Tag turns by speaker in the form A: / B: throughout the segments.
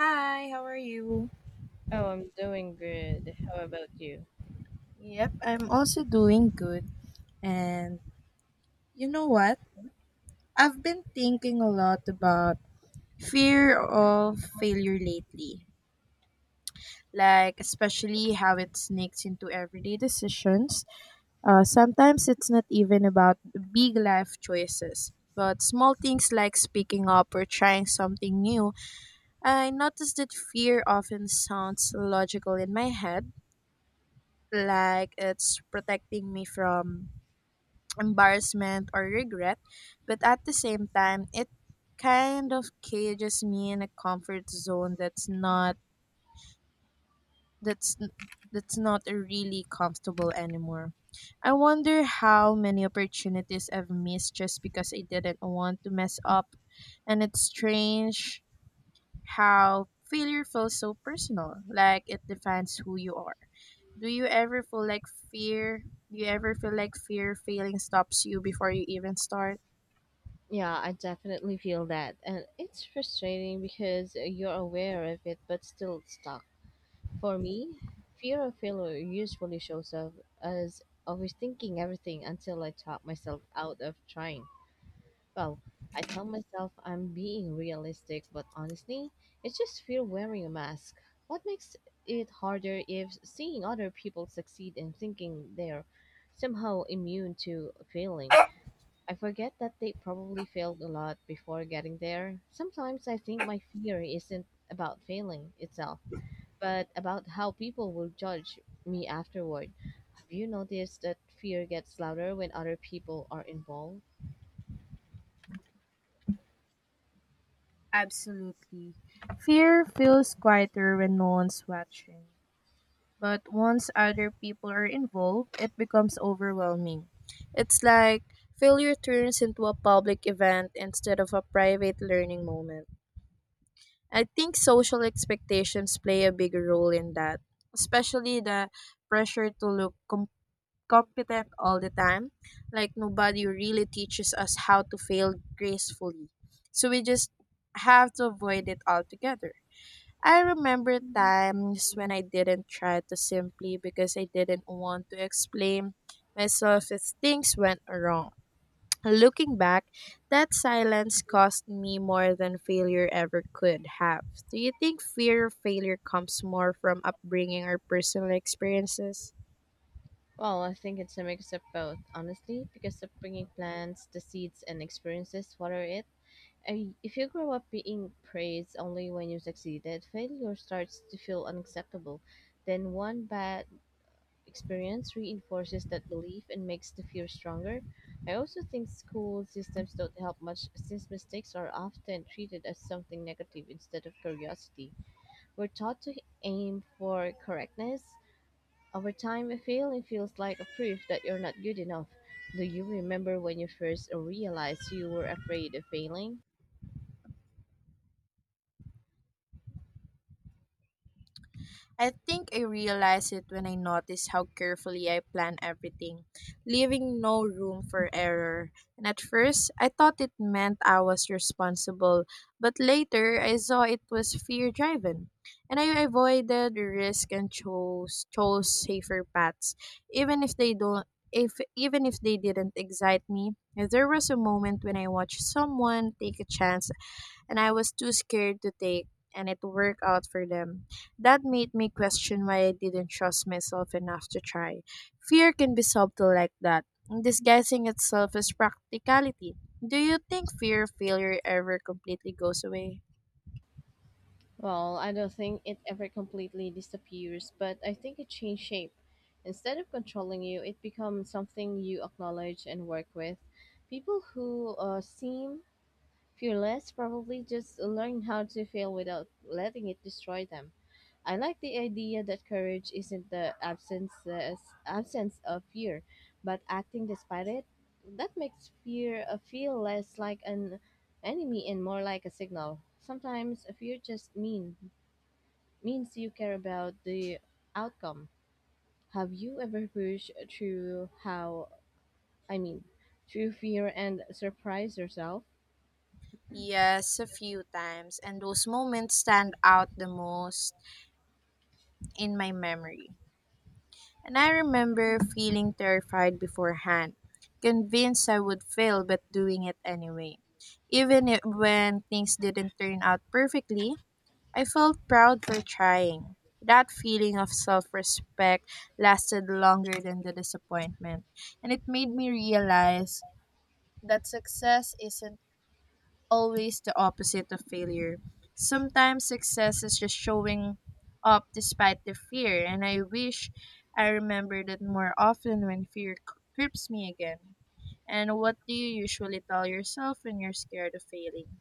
A: Hi, how are you?
B: Oh, I'm doing good. How about you?
A: Yep, I'm also doing good. And you know what? I've been thinking a lot about fear of failure lately. Like, especially how it sneaks into everyday decisions. Sometimes it's not even about big life choices, but small things like speaking up or trying something new. I noticed that fear often sounds logical in my head, like it's protecting me from embarrassment or regret, but at the same time, it kind of cages me in a comfort zone that's that's not really comfortable anymore. I wonder how many opportunities I've missed just because I didn't want to mess up. And it's strange how failure feels so personal, like it defines who you are. Do you ever feel like fear? Do you ever feel like fear failing stops you before you even start?
B: Yeah, I definitely feel that. And it's frustrating because you're aware of it but still stuck. For me, fear of failure usually shows up as overthinking everything until I talk myself out of trying. Well, I tell myself I'm being realistic, but honestly, it's just fear wearing a mask. What makes it harder if seeing other people succeed and thinking they're somehow immune to failing? I forget that they probably failed a lot before getting there. Sometimes I think my fear isn't about failing itself, but about how people will judge me afterward. Have you noticed that fear gets louder when other people are involved?
A: Absolutely. Fear feels quieter when no one's watching. But once other people are involved, it becomes overwhelming. It's like failure turns into a public event instead of a private learning moment. I think social expectations play a big role in that, especially the pressure to look competent all the time. Like nobody really teaches us how to fail gracefully. So we just have to avoid it altogether. I remember times when I didn't try to simply because I didn't want to explain myself if things went wrong. Looking back, that silence cost me more than failure ever could have. Do you think fear of failure comes more from upbringing or personal experiences?
B: Well, I think it's a mix of both, honestly, because upbringing plants, the seeds, and experiences water it. If you grow up being praised only when you succeeded, failure starts to feel unacceptable. Then one bad experience reinforces that belief and makes the fear stronger. I also think school systems don't help much since mistakes are often treated as something negative instead of curiosity. We're taught to aim for correctness. Over time, failing feels like a proof that you're not good enough. Do you remember when you first realized you were afraid of failing?
A: I think I realized it when I noticed how carefully I plan everything, leaving no room for error. And at first, I thought it meant I was responsible, but later I saw it was fear driven. And I avoided risk and chose safer paths, even if they don't even if they didn't excite me. There was a moment when I watched someone take a chance and I was too scared to take, and it worked out for them. That made me question why I didn't trust myself enough to try. Fear can be subtle like that, disguising itself as practicality. Do you think fear of failure ever completely goes away?
B: Well, I don't think it ever completely disappears, but I think it changed shape. Instead of controlling you, it becomes something you acknowledge and work with. People who seem fearless probably just learn how to fail without letting it destroy them. I like the idea that courage isn't the absence of fear, but acting despite it. That makes fear feel less like an enemy and more like a signal. Sometimes fear just means you care about the outcome. Have you ever pushed through I mean, through fear and surprised yourself?
A: Yes, a few times, and those moments stand out the most in my memory. And I remember feeling terrified beforehand, convinced I would fail, but doing it anyway. Even if, when things didn't turn out perfectly, I felt proud for trying. That feeling of self respect lasted longer than the disappointment, and it made me realize that success isn't always the opposite of failure. Sometimes success is just showing up despite the fear, and I wish I remembered it more often when grips me again. And what do you usually tell yourself when you're scared of failing?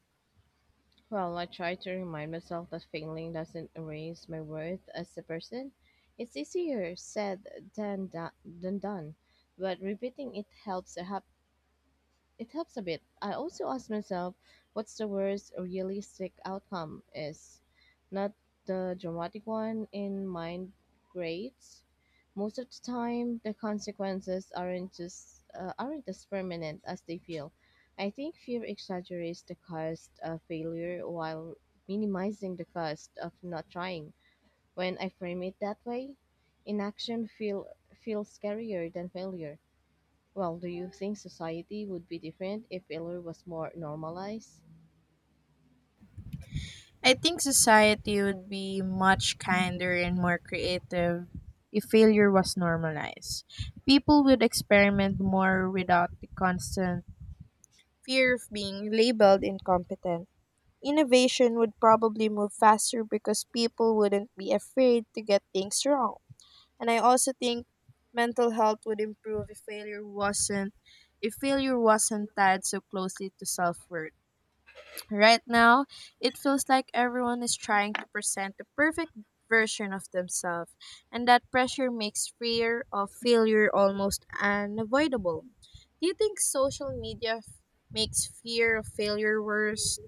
B: Well, I try to remind myself that failing doesn't erase my worth as a person. It's easier said than, do- than done, but repeating it helps a bit. I also ask myself, what's the worst realistic outcome is? Not the dramatic one in mind grades. Most of the time, the consequences aren't as permanent as they feel. I think fear exaggerates the cost of failure while minimizing the cost of not trying. When I frame it that way, inaction feels scarier than failure. Well, do you think society would be different if failure was more normalized?
A: I think society would be much kinder and more creative if failure was normalized. People would experiment more without the constant fear of being labeled incompetent. Innovation would probably move faster because people wouldn't be afraid to get things wrong. And I also think mental health would improve if failure wasn't tied so closely to self-worth. Right now, it feels like everyone is trying to present the perfect version of themselves, and that pressure makes fear of failure almost unavoidable. Do you think makes fear of failure worse?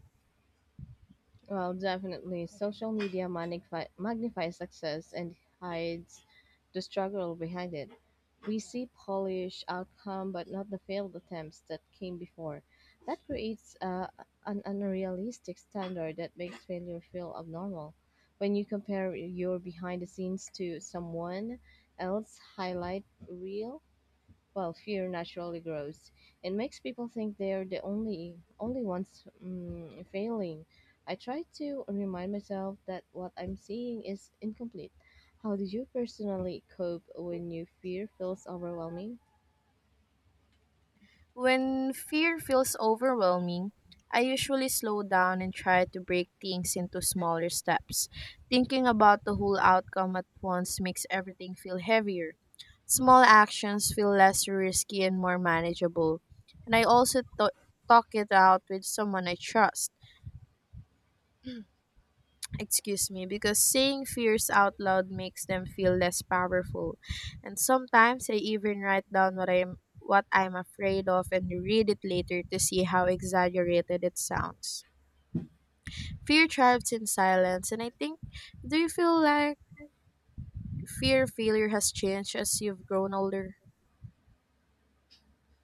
B: Well, definitely. Social media magnifies success and hides the struggle behind it. We see polished outcome, but not the failed attempts that came before. That creates an unrealistic standard that makes failure feel abnormal. When you compare your behind the scenes to someone else highlight reel, well, fear naturally grows. It makes people think they're the only ones failing. I try to remind myself that what I'm seeing is incomplete. How do you personally cope when your fear feels overwhelming?
A: When fear feels overwhelming, I usually slow down and try to break things into smaller steps. Thinking about the whole outcome at once makes everything feel heavier. Small actions feel less risky and more manageable. And I also talk it out with someone I trust, excuse me, because saying fears out loud makes them feel less powerful. And sometimes I even write down what I'm afraid of and read it later to see how exaggerated it sounds. Fear thrives in silence, and I think do you feel like fear of failure has changed as you've grown older?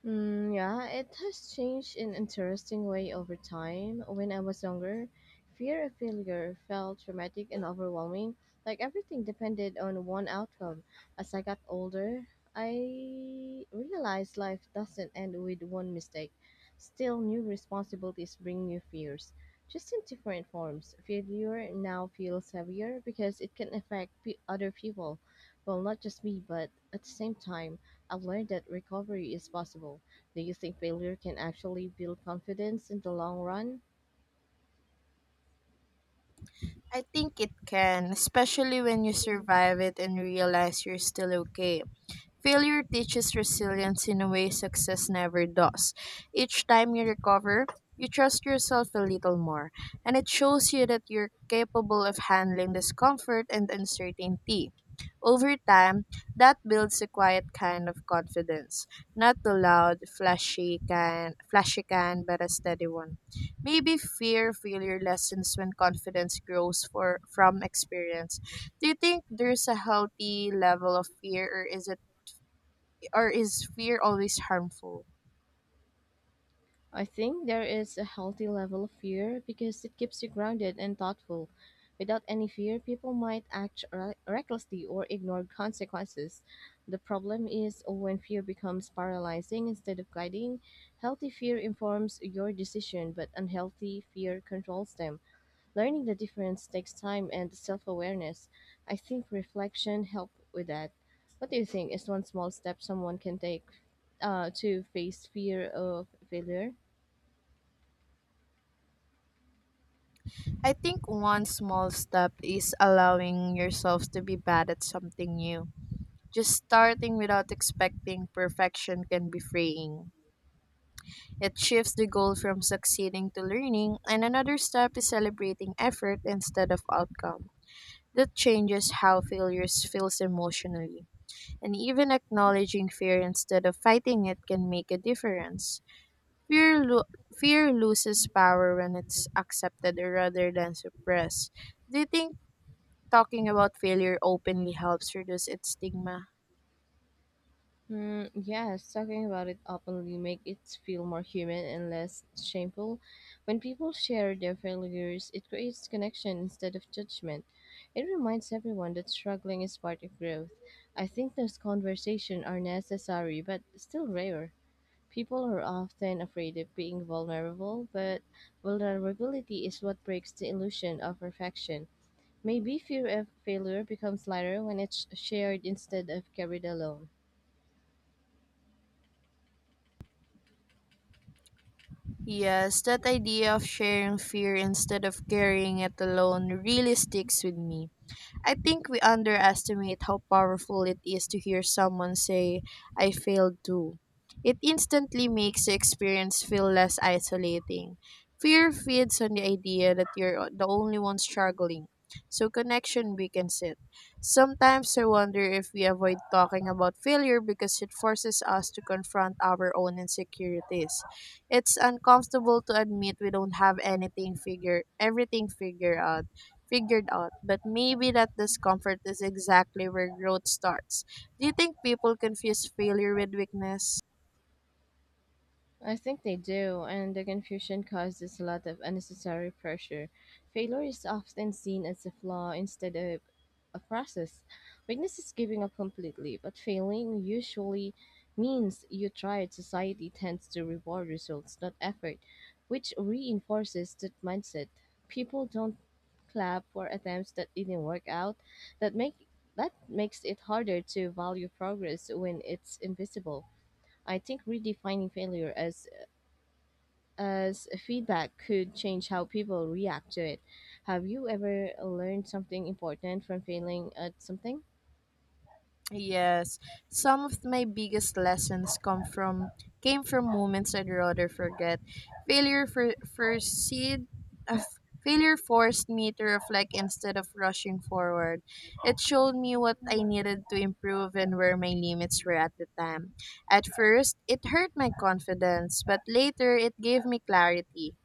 B: Mm, yeah, it has changed in interesting way over time. When I was younger, fear of failure felt traumatic and overwhelming, like everything depended on one outcome. As I got older, I realized life doesn't end with one mistake. Still, new responsibilities bring new fears, just in different forms. Failure now feels heavier because it can affect other people, well, not just me, but at the same time. I've learned that recovery is possible. Do you think failure can actually build confidence in the long run?
A: I think it can, especially when you survive it and realize you're still okay. Failure teaches resilience in a way success never does. Each time you recover, you trust yourself a little more, and it shows you that you're capable of handling discomfort and uncertainty. Over time, that builds a quiet kind of confidence, not too loud, flashy kind, but a steady one. Maybe fear failure lessons when confidence grows for from experience. Do you think there's a healthy level of fear, or is it? Or is fear always harmful?
B: I think there is a healthy level of fear because it keeps you grounded and thoughtful. Without any fear, people might act recklessly or ignore consequences. The problem is when fear becomes paralyzing instead of guiding. Healthy fear informs your decision, but unhealthy fear controls them. Learning the difference takes time and self awareness. I think reflection help with that. What do you think is one small step someone can take to face fear of failure?
A: I think one small step is allowing yourself to be bad at something new. Just starting without expecting perfection can be freeing. It shifts the goal from succeeding to learning, and another step is celebrating effort instead of outcome. That changes how failures feels emotionally, and even acknowledging fear instead of fighting it can make a difference. Fear loses power when it's accepted rather than suppressed. Do you think talking about failure openly helps reduce its stigma?
B: Hmm, yes, talking about it openly make it feel more human and less shameful. When people share their failures, it creates connection instead of judgment. It reminds everyone that struggling is part of growth. I think those conversations are necessary but still rare. People are often afraid of being vulnerable, but vulnerability is what breaks the illusion of perfection. Maybe fear of failure becomes lighter when it's shared instead of carried alone.
A: Yes, that idea of sharing fear instead of carrying it alone really sticks with me. I think we underestimate how powerful it is to hear someone say, I failed too. It instantly makes the experience feel less isolating. Fear feeds on the idea that you're the only one struggling, so connection weakens it. Sometimes I wonder if we avoid talking about failure because it forces us to confront our own insecurities. It's uncomfortable to admit we don't have anything figure everything figured out, but maybe that discomfort is exactly where growth starts. Do you think people confuse failure with weakness?
B: I think they do, and the confusion causes a lot of unnecessary pressure. Failure is often seen as a flaw instead of a process. Weakness is giving up completely, but failing usually means you tried. Society tends to reward results, not effort, which reinforces that mindset. People don't clap for attempts that didn't work out. That make that makes it harder to value progress when it's invisible. I think redefining failure as feedback could change how people react to it. Have you ever learned something important from failing at something?
A: Yes, some of my biggest lessons come from came from moments I'd rather forget. Failure for first uh, Failure forced me to reflect instead of rushing forward. It showed me what I needed to improve and where my limits were at the time. At first, it hurt my confidence, but later it gave me clarity.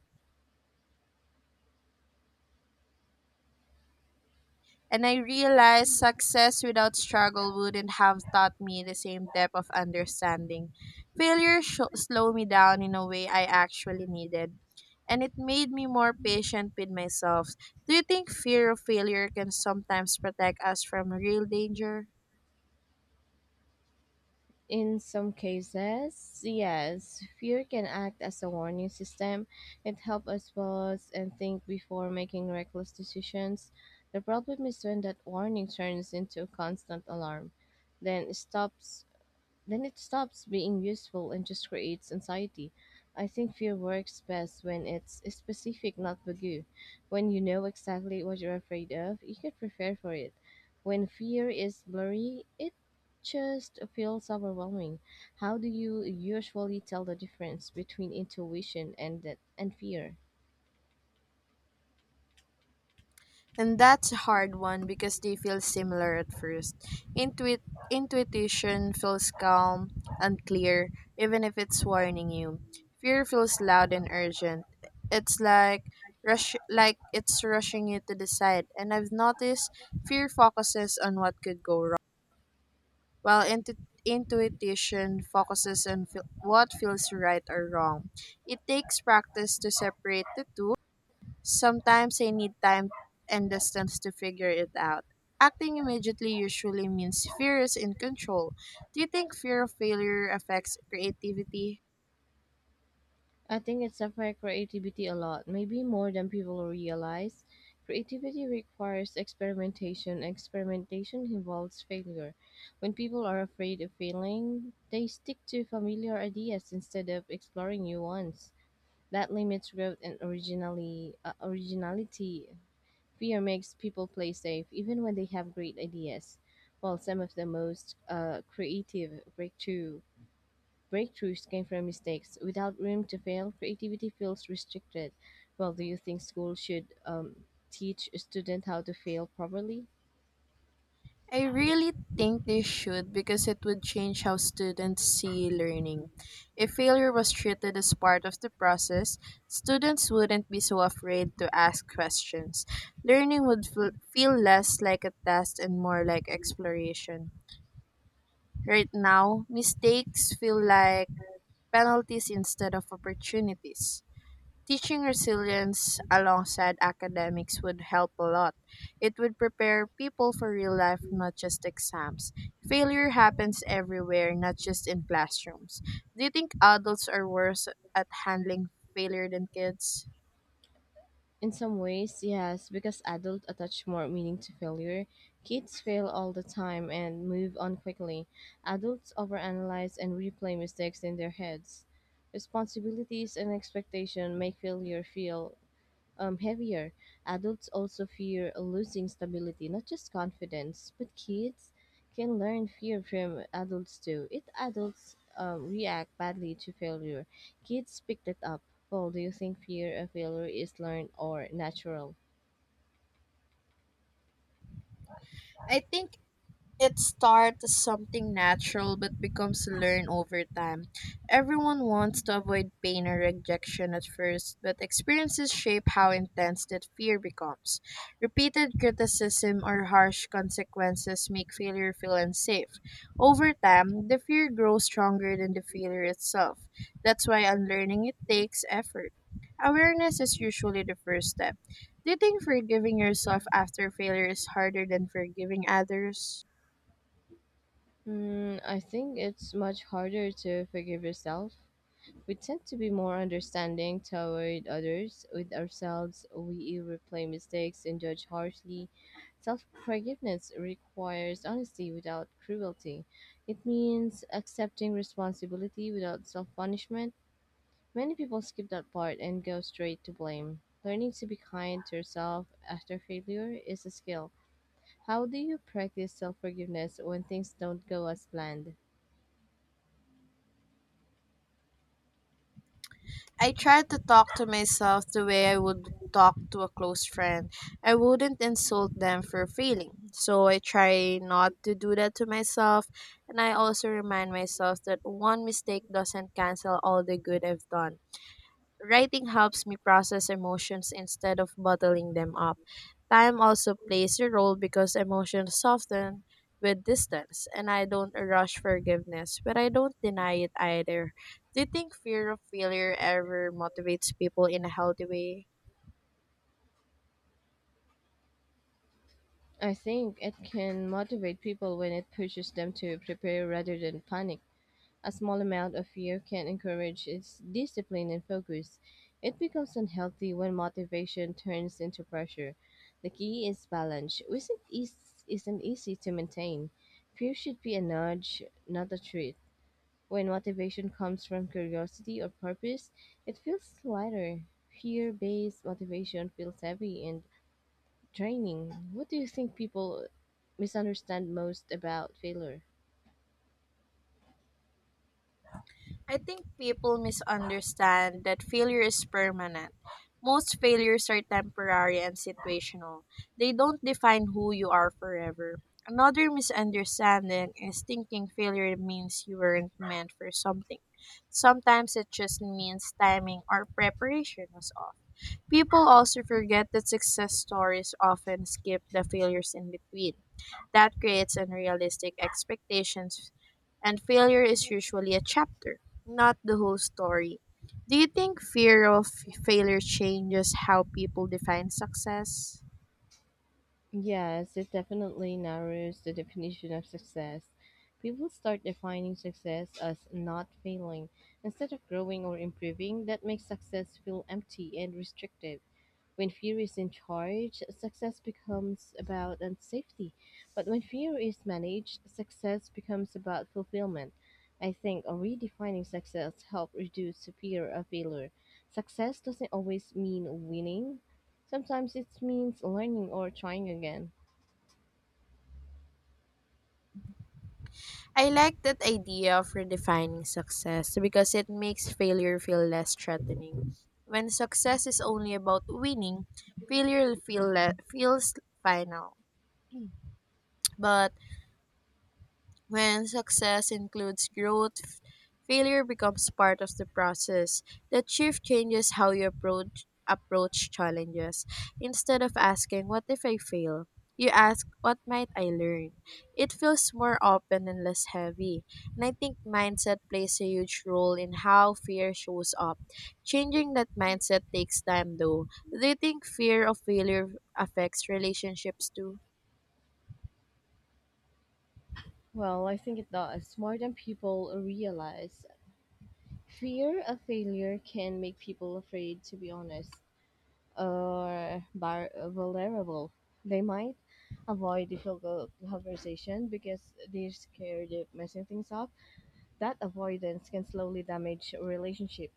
A: And I realized success without struggle wouldn't have taught me the same depth of understanding. Slowed me down in a way I actually needed, and it made me more patient with myself. Do you think fear of failure can sometimes protect us from real danger?
B: In some cases, yes, fear can act as a warning system. It helps us pause and think before making reckless decisions. The problem is when that warning turns into a constant alarm, then stops Then it stops being useful and just creates anxiety. I think fear works best when it's specific, not vague. When you know exactly what you're afraid of, you can prepare for it. When fear is blurry, it just feels overwhelming. How do you usually tell the difference between intuition and fear?
A: And that's a hard one because they feel similar at first. Intuit Intuition feels calm and clear, even if it's warning you. Fear feels loud and urgent. It's like it's rushing you to decide. And I've noticed fear focuses on what could go wrong, while intuition focuses on what feels right or wrong. It takes practice to separate the two. Sometimes I need time and distance to figure it out. Acting immediately usually means fear is in control. Do you think fear of failure affects creativity?
B: I think it's affect creativity a lot, maybe more than people realize. Creativity requires experimentation. Experimentation involves failure. When people are afraid of failing, they stick to familiar ideas instead of exploring new ones. That limits growth and originally originality. Fear makes people play safe, even when they have great ideas. While some of the most creative breakthroughs came from mistakes. Without room to fail, creativity feels restricted. Well, do you think school should teach a student how to fail properly?
A: I really think they should because it would change how students see learning. If failure was treated as part of the process, students wouldn't be so afraid to ask questions. Learning would feel less like a test and more like exploration. Right now, mistakes feel like penalties instead of opportunities. Teaching resilience alongside academics would help a lot. It would prepare people for real life, not just exams. Failure happens everywhere, not just in classrooms. Do you think adults are worse at handling failure than kids?
B: In some ways, yes, because adults attach more meaning to failure. Kids fail all the time and move on quickly. Adults overanalyze and replay mistakes in their heads. Responsibilities and expectation make failure feel heavier. Adults also fear losing stability, not just confidence, but kids can learn fear from adults too. If adults react badly to failure, kids pick it up. Paul, do you think fear of failure is learned or natural?
A: I think it starts as something natural but becomes learned over time. Everyone wants to avoid pain or rejection at first, but experiences shape how intense that fear becomes. Repeated criticism or harsh consequences make failure feel unsafe. Over time, the fear grows stronger than the failure itself. That's why unlearning it takes effort. Awareness is usually the first step. Do you think forgiving yourself after failure is harder than forgiving others?
B: I think it's much harder to forgive yourself. We tend to be more understanding toward others. With ourselves, we replay mistakes and judge harshly. Self forgiveness requires honesty without cruelty. It means accepting responsibility without self punishment. Many people skip that part and go straight to blame. Learning to be kind to yourself after failure is a skill. How do you practice self forgiveness when things don't go as planned?
A: I tried to talk to myself the way I would talk to a close friend. I wouldn't insult them for failing. So I try not to do that to myself. And I also remind myself that one mistake doesn't cancel all the good I've done. Writing helps me process emotions instead of bottling them up. Time also plays a role because emotions soften with distance, and I don't rush forgiveness, but I don't deny it either. Do you think fear of failure ever motivates people in a healthy way?
B: I think it can motivate people when it pushes them to prepare rather than panic. A small amount of fear can encourage its discipline and focus. It becomes unhealthy when motivation turns into pressure. The key is balance, which isn't easy to maintain. Fear should be a nudge, not a treat. When motivation comes from curiosity or purpose, it feels lighter. Fear based motivation feels heavy and training. What do you think people misunderstand most about failure?
A: I think people misunderstand that failure is permanent. Most failures are temporary and situational. They don't define who you are forever. Another misunderstanding is thinking failure means you weren't meant for something. Sometimes it just means timing or preparation was off. People also forget that success stories often skip the failures in between. That creates unrealistic expectations, and failure is usually a chapter, not the whole story. Do you think fear of failure changes how people define success?
B: Yes, it definitely narrows the definition of success. People start defining success as not failing instead of growing or improving. That makes success feel empty and restrictive. When fear is in charge, success becomes about and safety. But when fear is managed, success becomes about fulfillment. I think redefining success helps reduce fear of failure. Success doesn't always mean winning. Sometimes it means learning or trying again.
A: I like that idea of redefining success because it makes failure feel less threatening. When success is only about winning, feels final. But when success includes growth, failure becomes part of the process. That shift changes how you approach challenges. Instead of asking what if I fail, you ask what might I learn. It feels more open and less heavy. And I think mindset plays a huge role in how fear shows up. Changing that mindset takes time though. Do you think fear of failure affects relationships too?
B: Well, I think it does. More than people realize, fear of failure can make people afraid to be honest. Or vulnerable. They might avoid difficult conversation because they're scared of messing things up. That avoidance can slowly damage a relationship.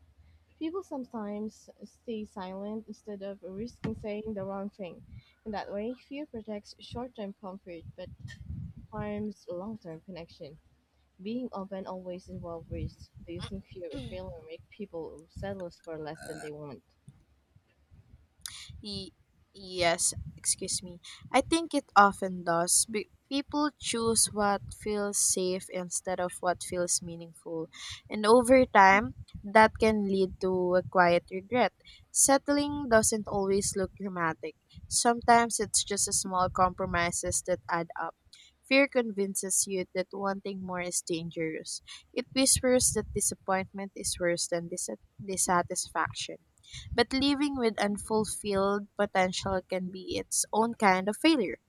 B: People sometimes stay silent instead of risking saying the wrong thing. In that way, fear protects short term comfort but harms long term connection. Being open always involves risk. Do you think fear of failure make people settle for less than they want?
A: Y- yes, excuse me. I think it often does. People choose what feels safe instead of what feels meaningful. And over time, that can lead to a quiet regret. Settling doesn't always look dramatic. Sometimes it's just a small compromises that add up. Fear convinces you that wanting more is dangerous. It whispers that disappointment is worse than dissatisfaction. But living with unfulfilled potential can be its own kind of failure.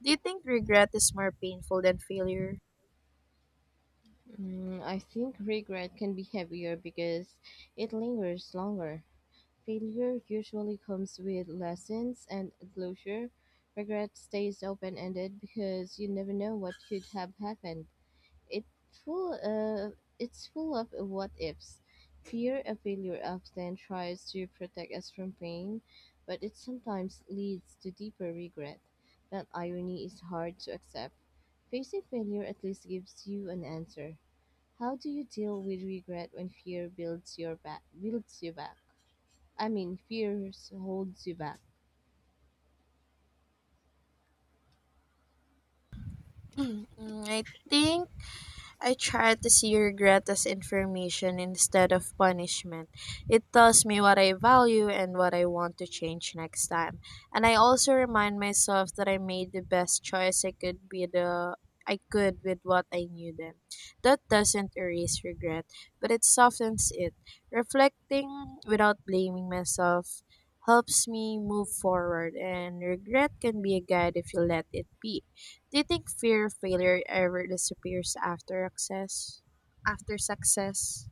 A: Do you think regret is more painful than failure?
B: I think regret can be heavier because it lingers longer. Failure usually comes with lessons and closure. Regret stays open ended because you never know what could have happened. It it's full of what ifs. Fear of failure often tries to protect us from pain, but it sometimes leads to deeper regret. That irony is hard to accept. Facing failure at least gives you an answer. How do you deal with regret when fear builds you back? I mean, fear holds you back.
A: Mm, I try to see regret as information instead of punishment. It tells me what I value and what I want to change next time. And I also remind myself that I made the best choice I could be the I could with what I knew then. That doesn't erase regret, but it softens it. Reflecting without blaming myself helps me move forward, and regret can be a guide if you let it be. Do you think fear of failure ever disappears after success? After success?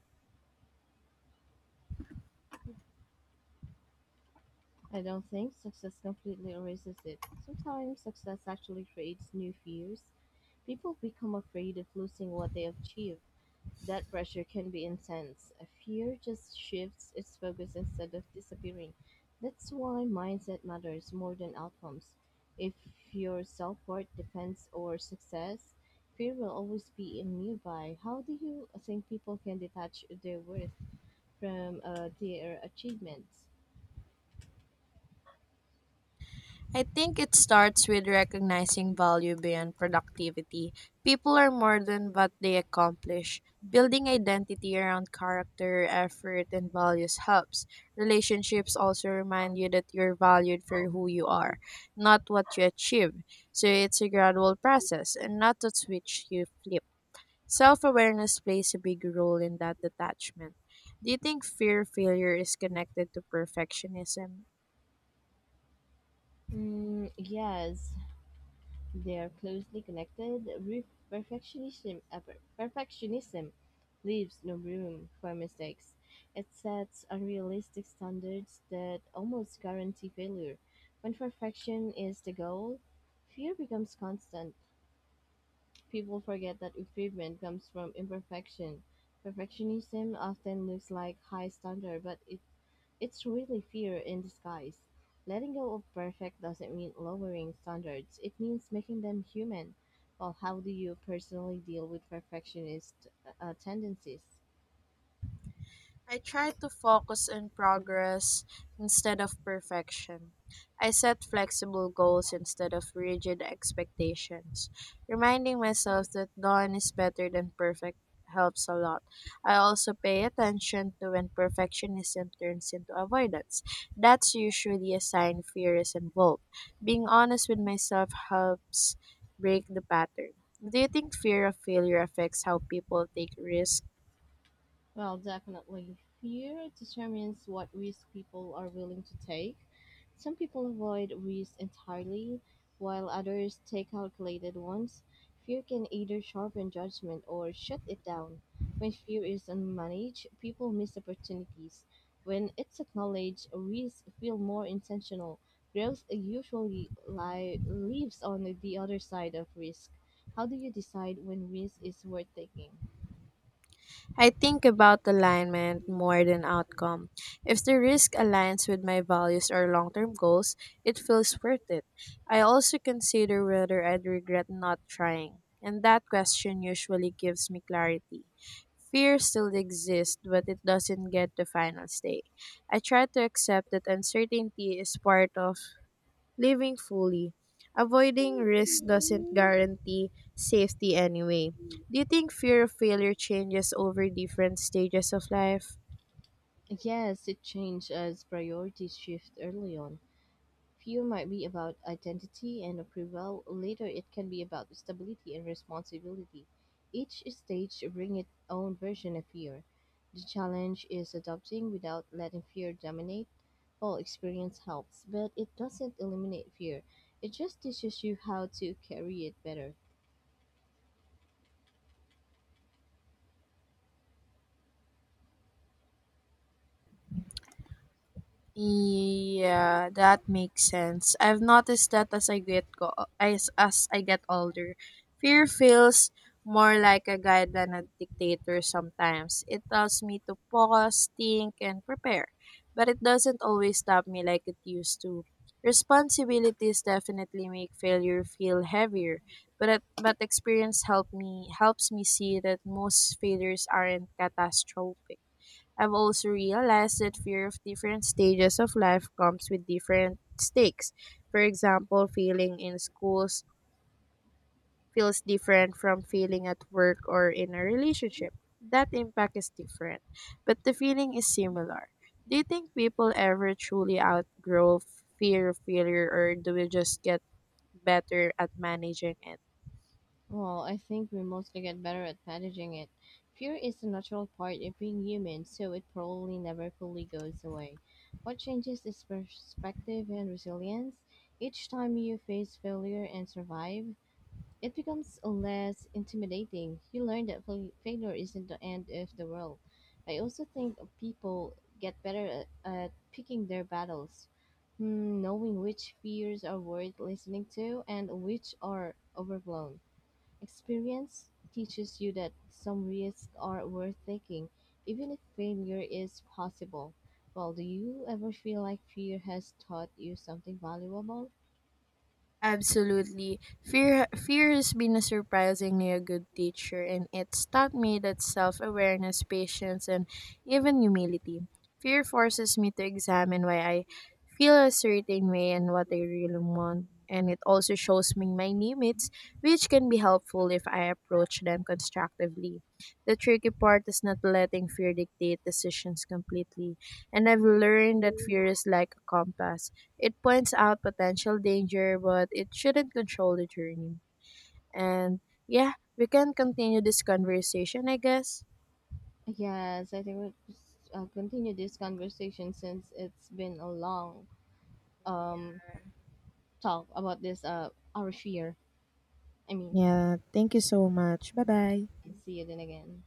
B: I don't think success completely erases it. Sometimes success actually creates new fears. People become afraid of losing what they have achieved. That pressure can be intense. A fear just shifts its focus instead of disappearing. That's why mindset matters more than outcomes. If your self worth depends on success, fear will always be nearby. How do you think people can detach their worth from their achievements?
A: I think it starts with recognizing value beyond productivity. People are more than what they accomplish. Building identity around character, effort, and values helps. Relationships also remind you that you're valued for who you are, not what you achieve. So it's a gradual process and not a switch you flip. Self awareness plays a big role in that detachment. Do you think fear of failure is connected to perfectionism?
B: Mm, yes, they are closely connected. Perfectionism leaves no room for mistakes. It sets unrealistic standards that almost guarantee failure. When perfection is the goal, fear becomes constant. People forget that improvement comes from imperfection. Perfectionism often looks like high standard, but it's really fear in disguise. Letting go of perfect doesn't mean lowering standards, it means making them human. Well, how do you personally deal with perfectionist tendencies?
A: I try to focus on progress instead of perfection. I set flexible goals instead of rigid expectations. Reminding myself that done is better than perfect helps a lot. I also pay attention to when perfectionism turns into avoidance. That's usually a sign fear is involved. Being honest with myself helps break the pattern. Do you think fear of failure affects how people take risks?
B: Well, definitely. Fear determines what risk people are willing to take. Some people avoid risk entirely, while others take calculated ones. Fear can either sharpen judgment or shut it down. When fear is unmanaged, people miss opportunities. When it's acknowledged, risks feel more intentional. Growth usually lives on the other side of risk. How do you decide when risk is worth taking?
A: I think about alignment more than outcome. If the risk aligns with my values or long term goals, it feels worth it. I also consider whether I'd regret not trying, and that question usually gives me clarity. Fear still exists, but it doesn't get the final say. I try to accept that uncertainty is part of living fully. Avoiding risk doesn't guarantee safety anyway. Do you think fear of failure changes over different stages of life?
B: Yes, it changed as priorities shift early on. Fear might be about identity and approval. Later, it can be about stability and responsibility. Each stage brings its own version of fear. The challenge is adopting without letting fear dominate. All experience helps, but it doesn't eliminate fear. It just teaches you how to carry it better.
A: Yeah, that makes sense. I've noticed that as I get older, fear feels more like a guide than a dictator sometimes. It tells me to pause, think, and prepare. But it doesn't always stop me like it used to. Responsibilities definitely make failure feel heavier, but experience helps me see that most failures aren't catastrophic. I've also realized that fear of different stages of life comes with different stakes. For example, failing in schools feels different from failing at work or in a relationship. That impact is different, but the feeling is similar. Do you think people ever truly outgrow fear of failure, or do we just get better at managing it?
B: Well, I think we mostly get better at managing it. Fear is a natural part of being human, so it probably never fully goes away. What changes is perspective and resilience. Each time you face failure and survive, it becomes less intimidating. You learn that failure isn't the end of the world. I also think people get better at picking their battles, knowing which fears are worth listening to and which are overblown. Experience teaches you that some risks are worth taking, even if failure is possible. Well, do you ever feel like fear has taught you something valuable?
A: Absolutely. Fear has been a surprisingly a good teacher, and it's taught me that self-awareness, patience, and even humility. Fear forces me to examine why I feel a certain way and what I really want. And it also shows me my limits, which can be helpful if I approach them constructively. The tricky part is not letting fear dictate decisions completely. And I've learned that fear is like a compass. It points out potential danger, but it shouldn't control the journey. And yeah, we can continue this conversation, I guess.
B: Yes, I think we'll continue this conversation since it's been a long um, talk about this, our fear. I mean,
A: Yeah, thank you so much. Bye bye.
B: see you then again.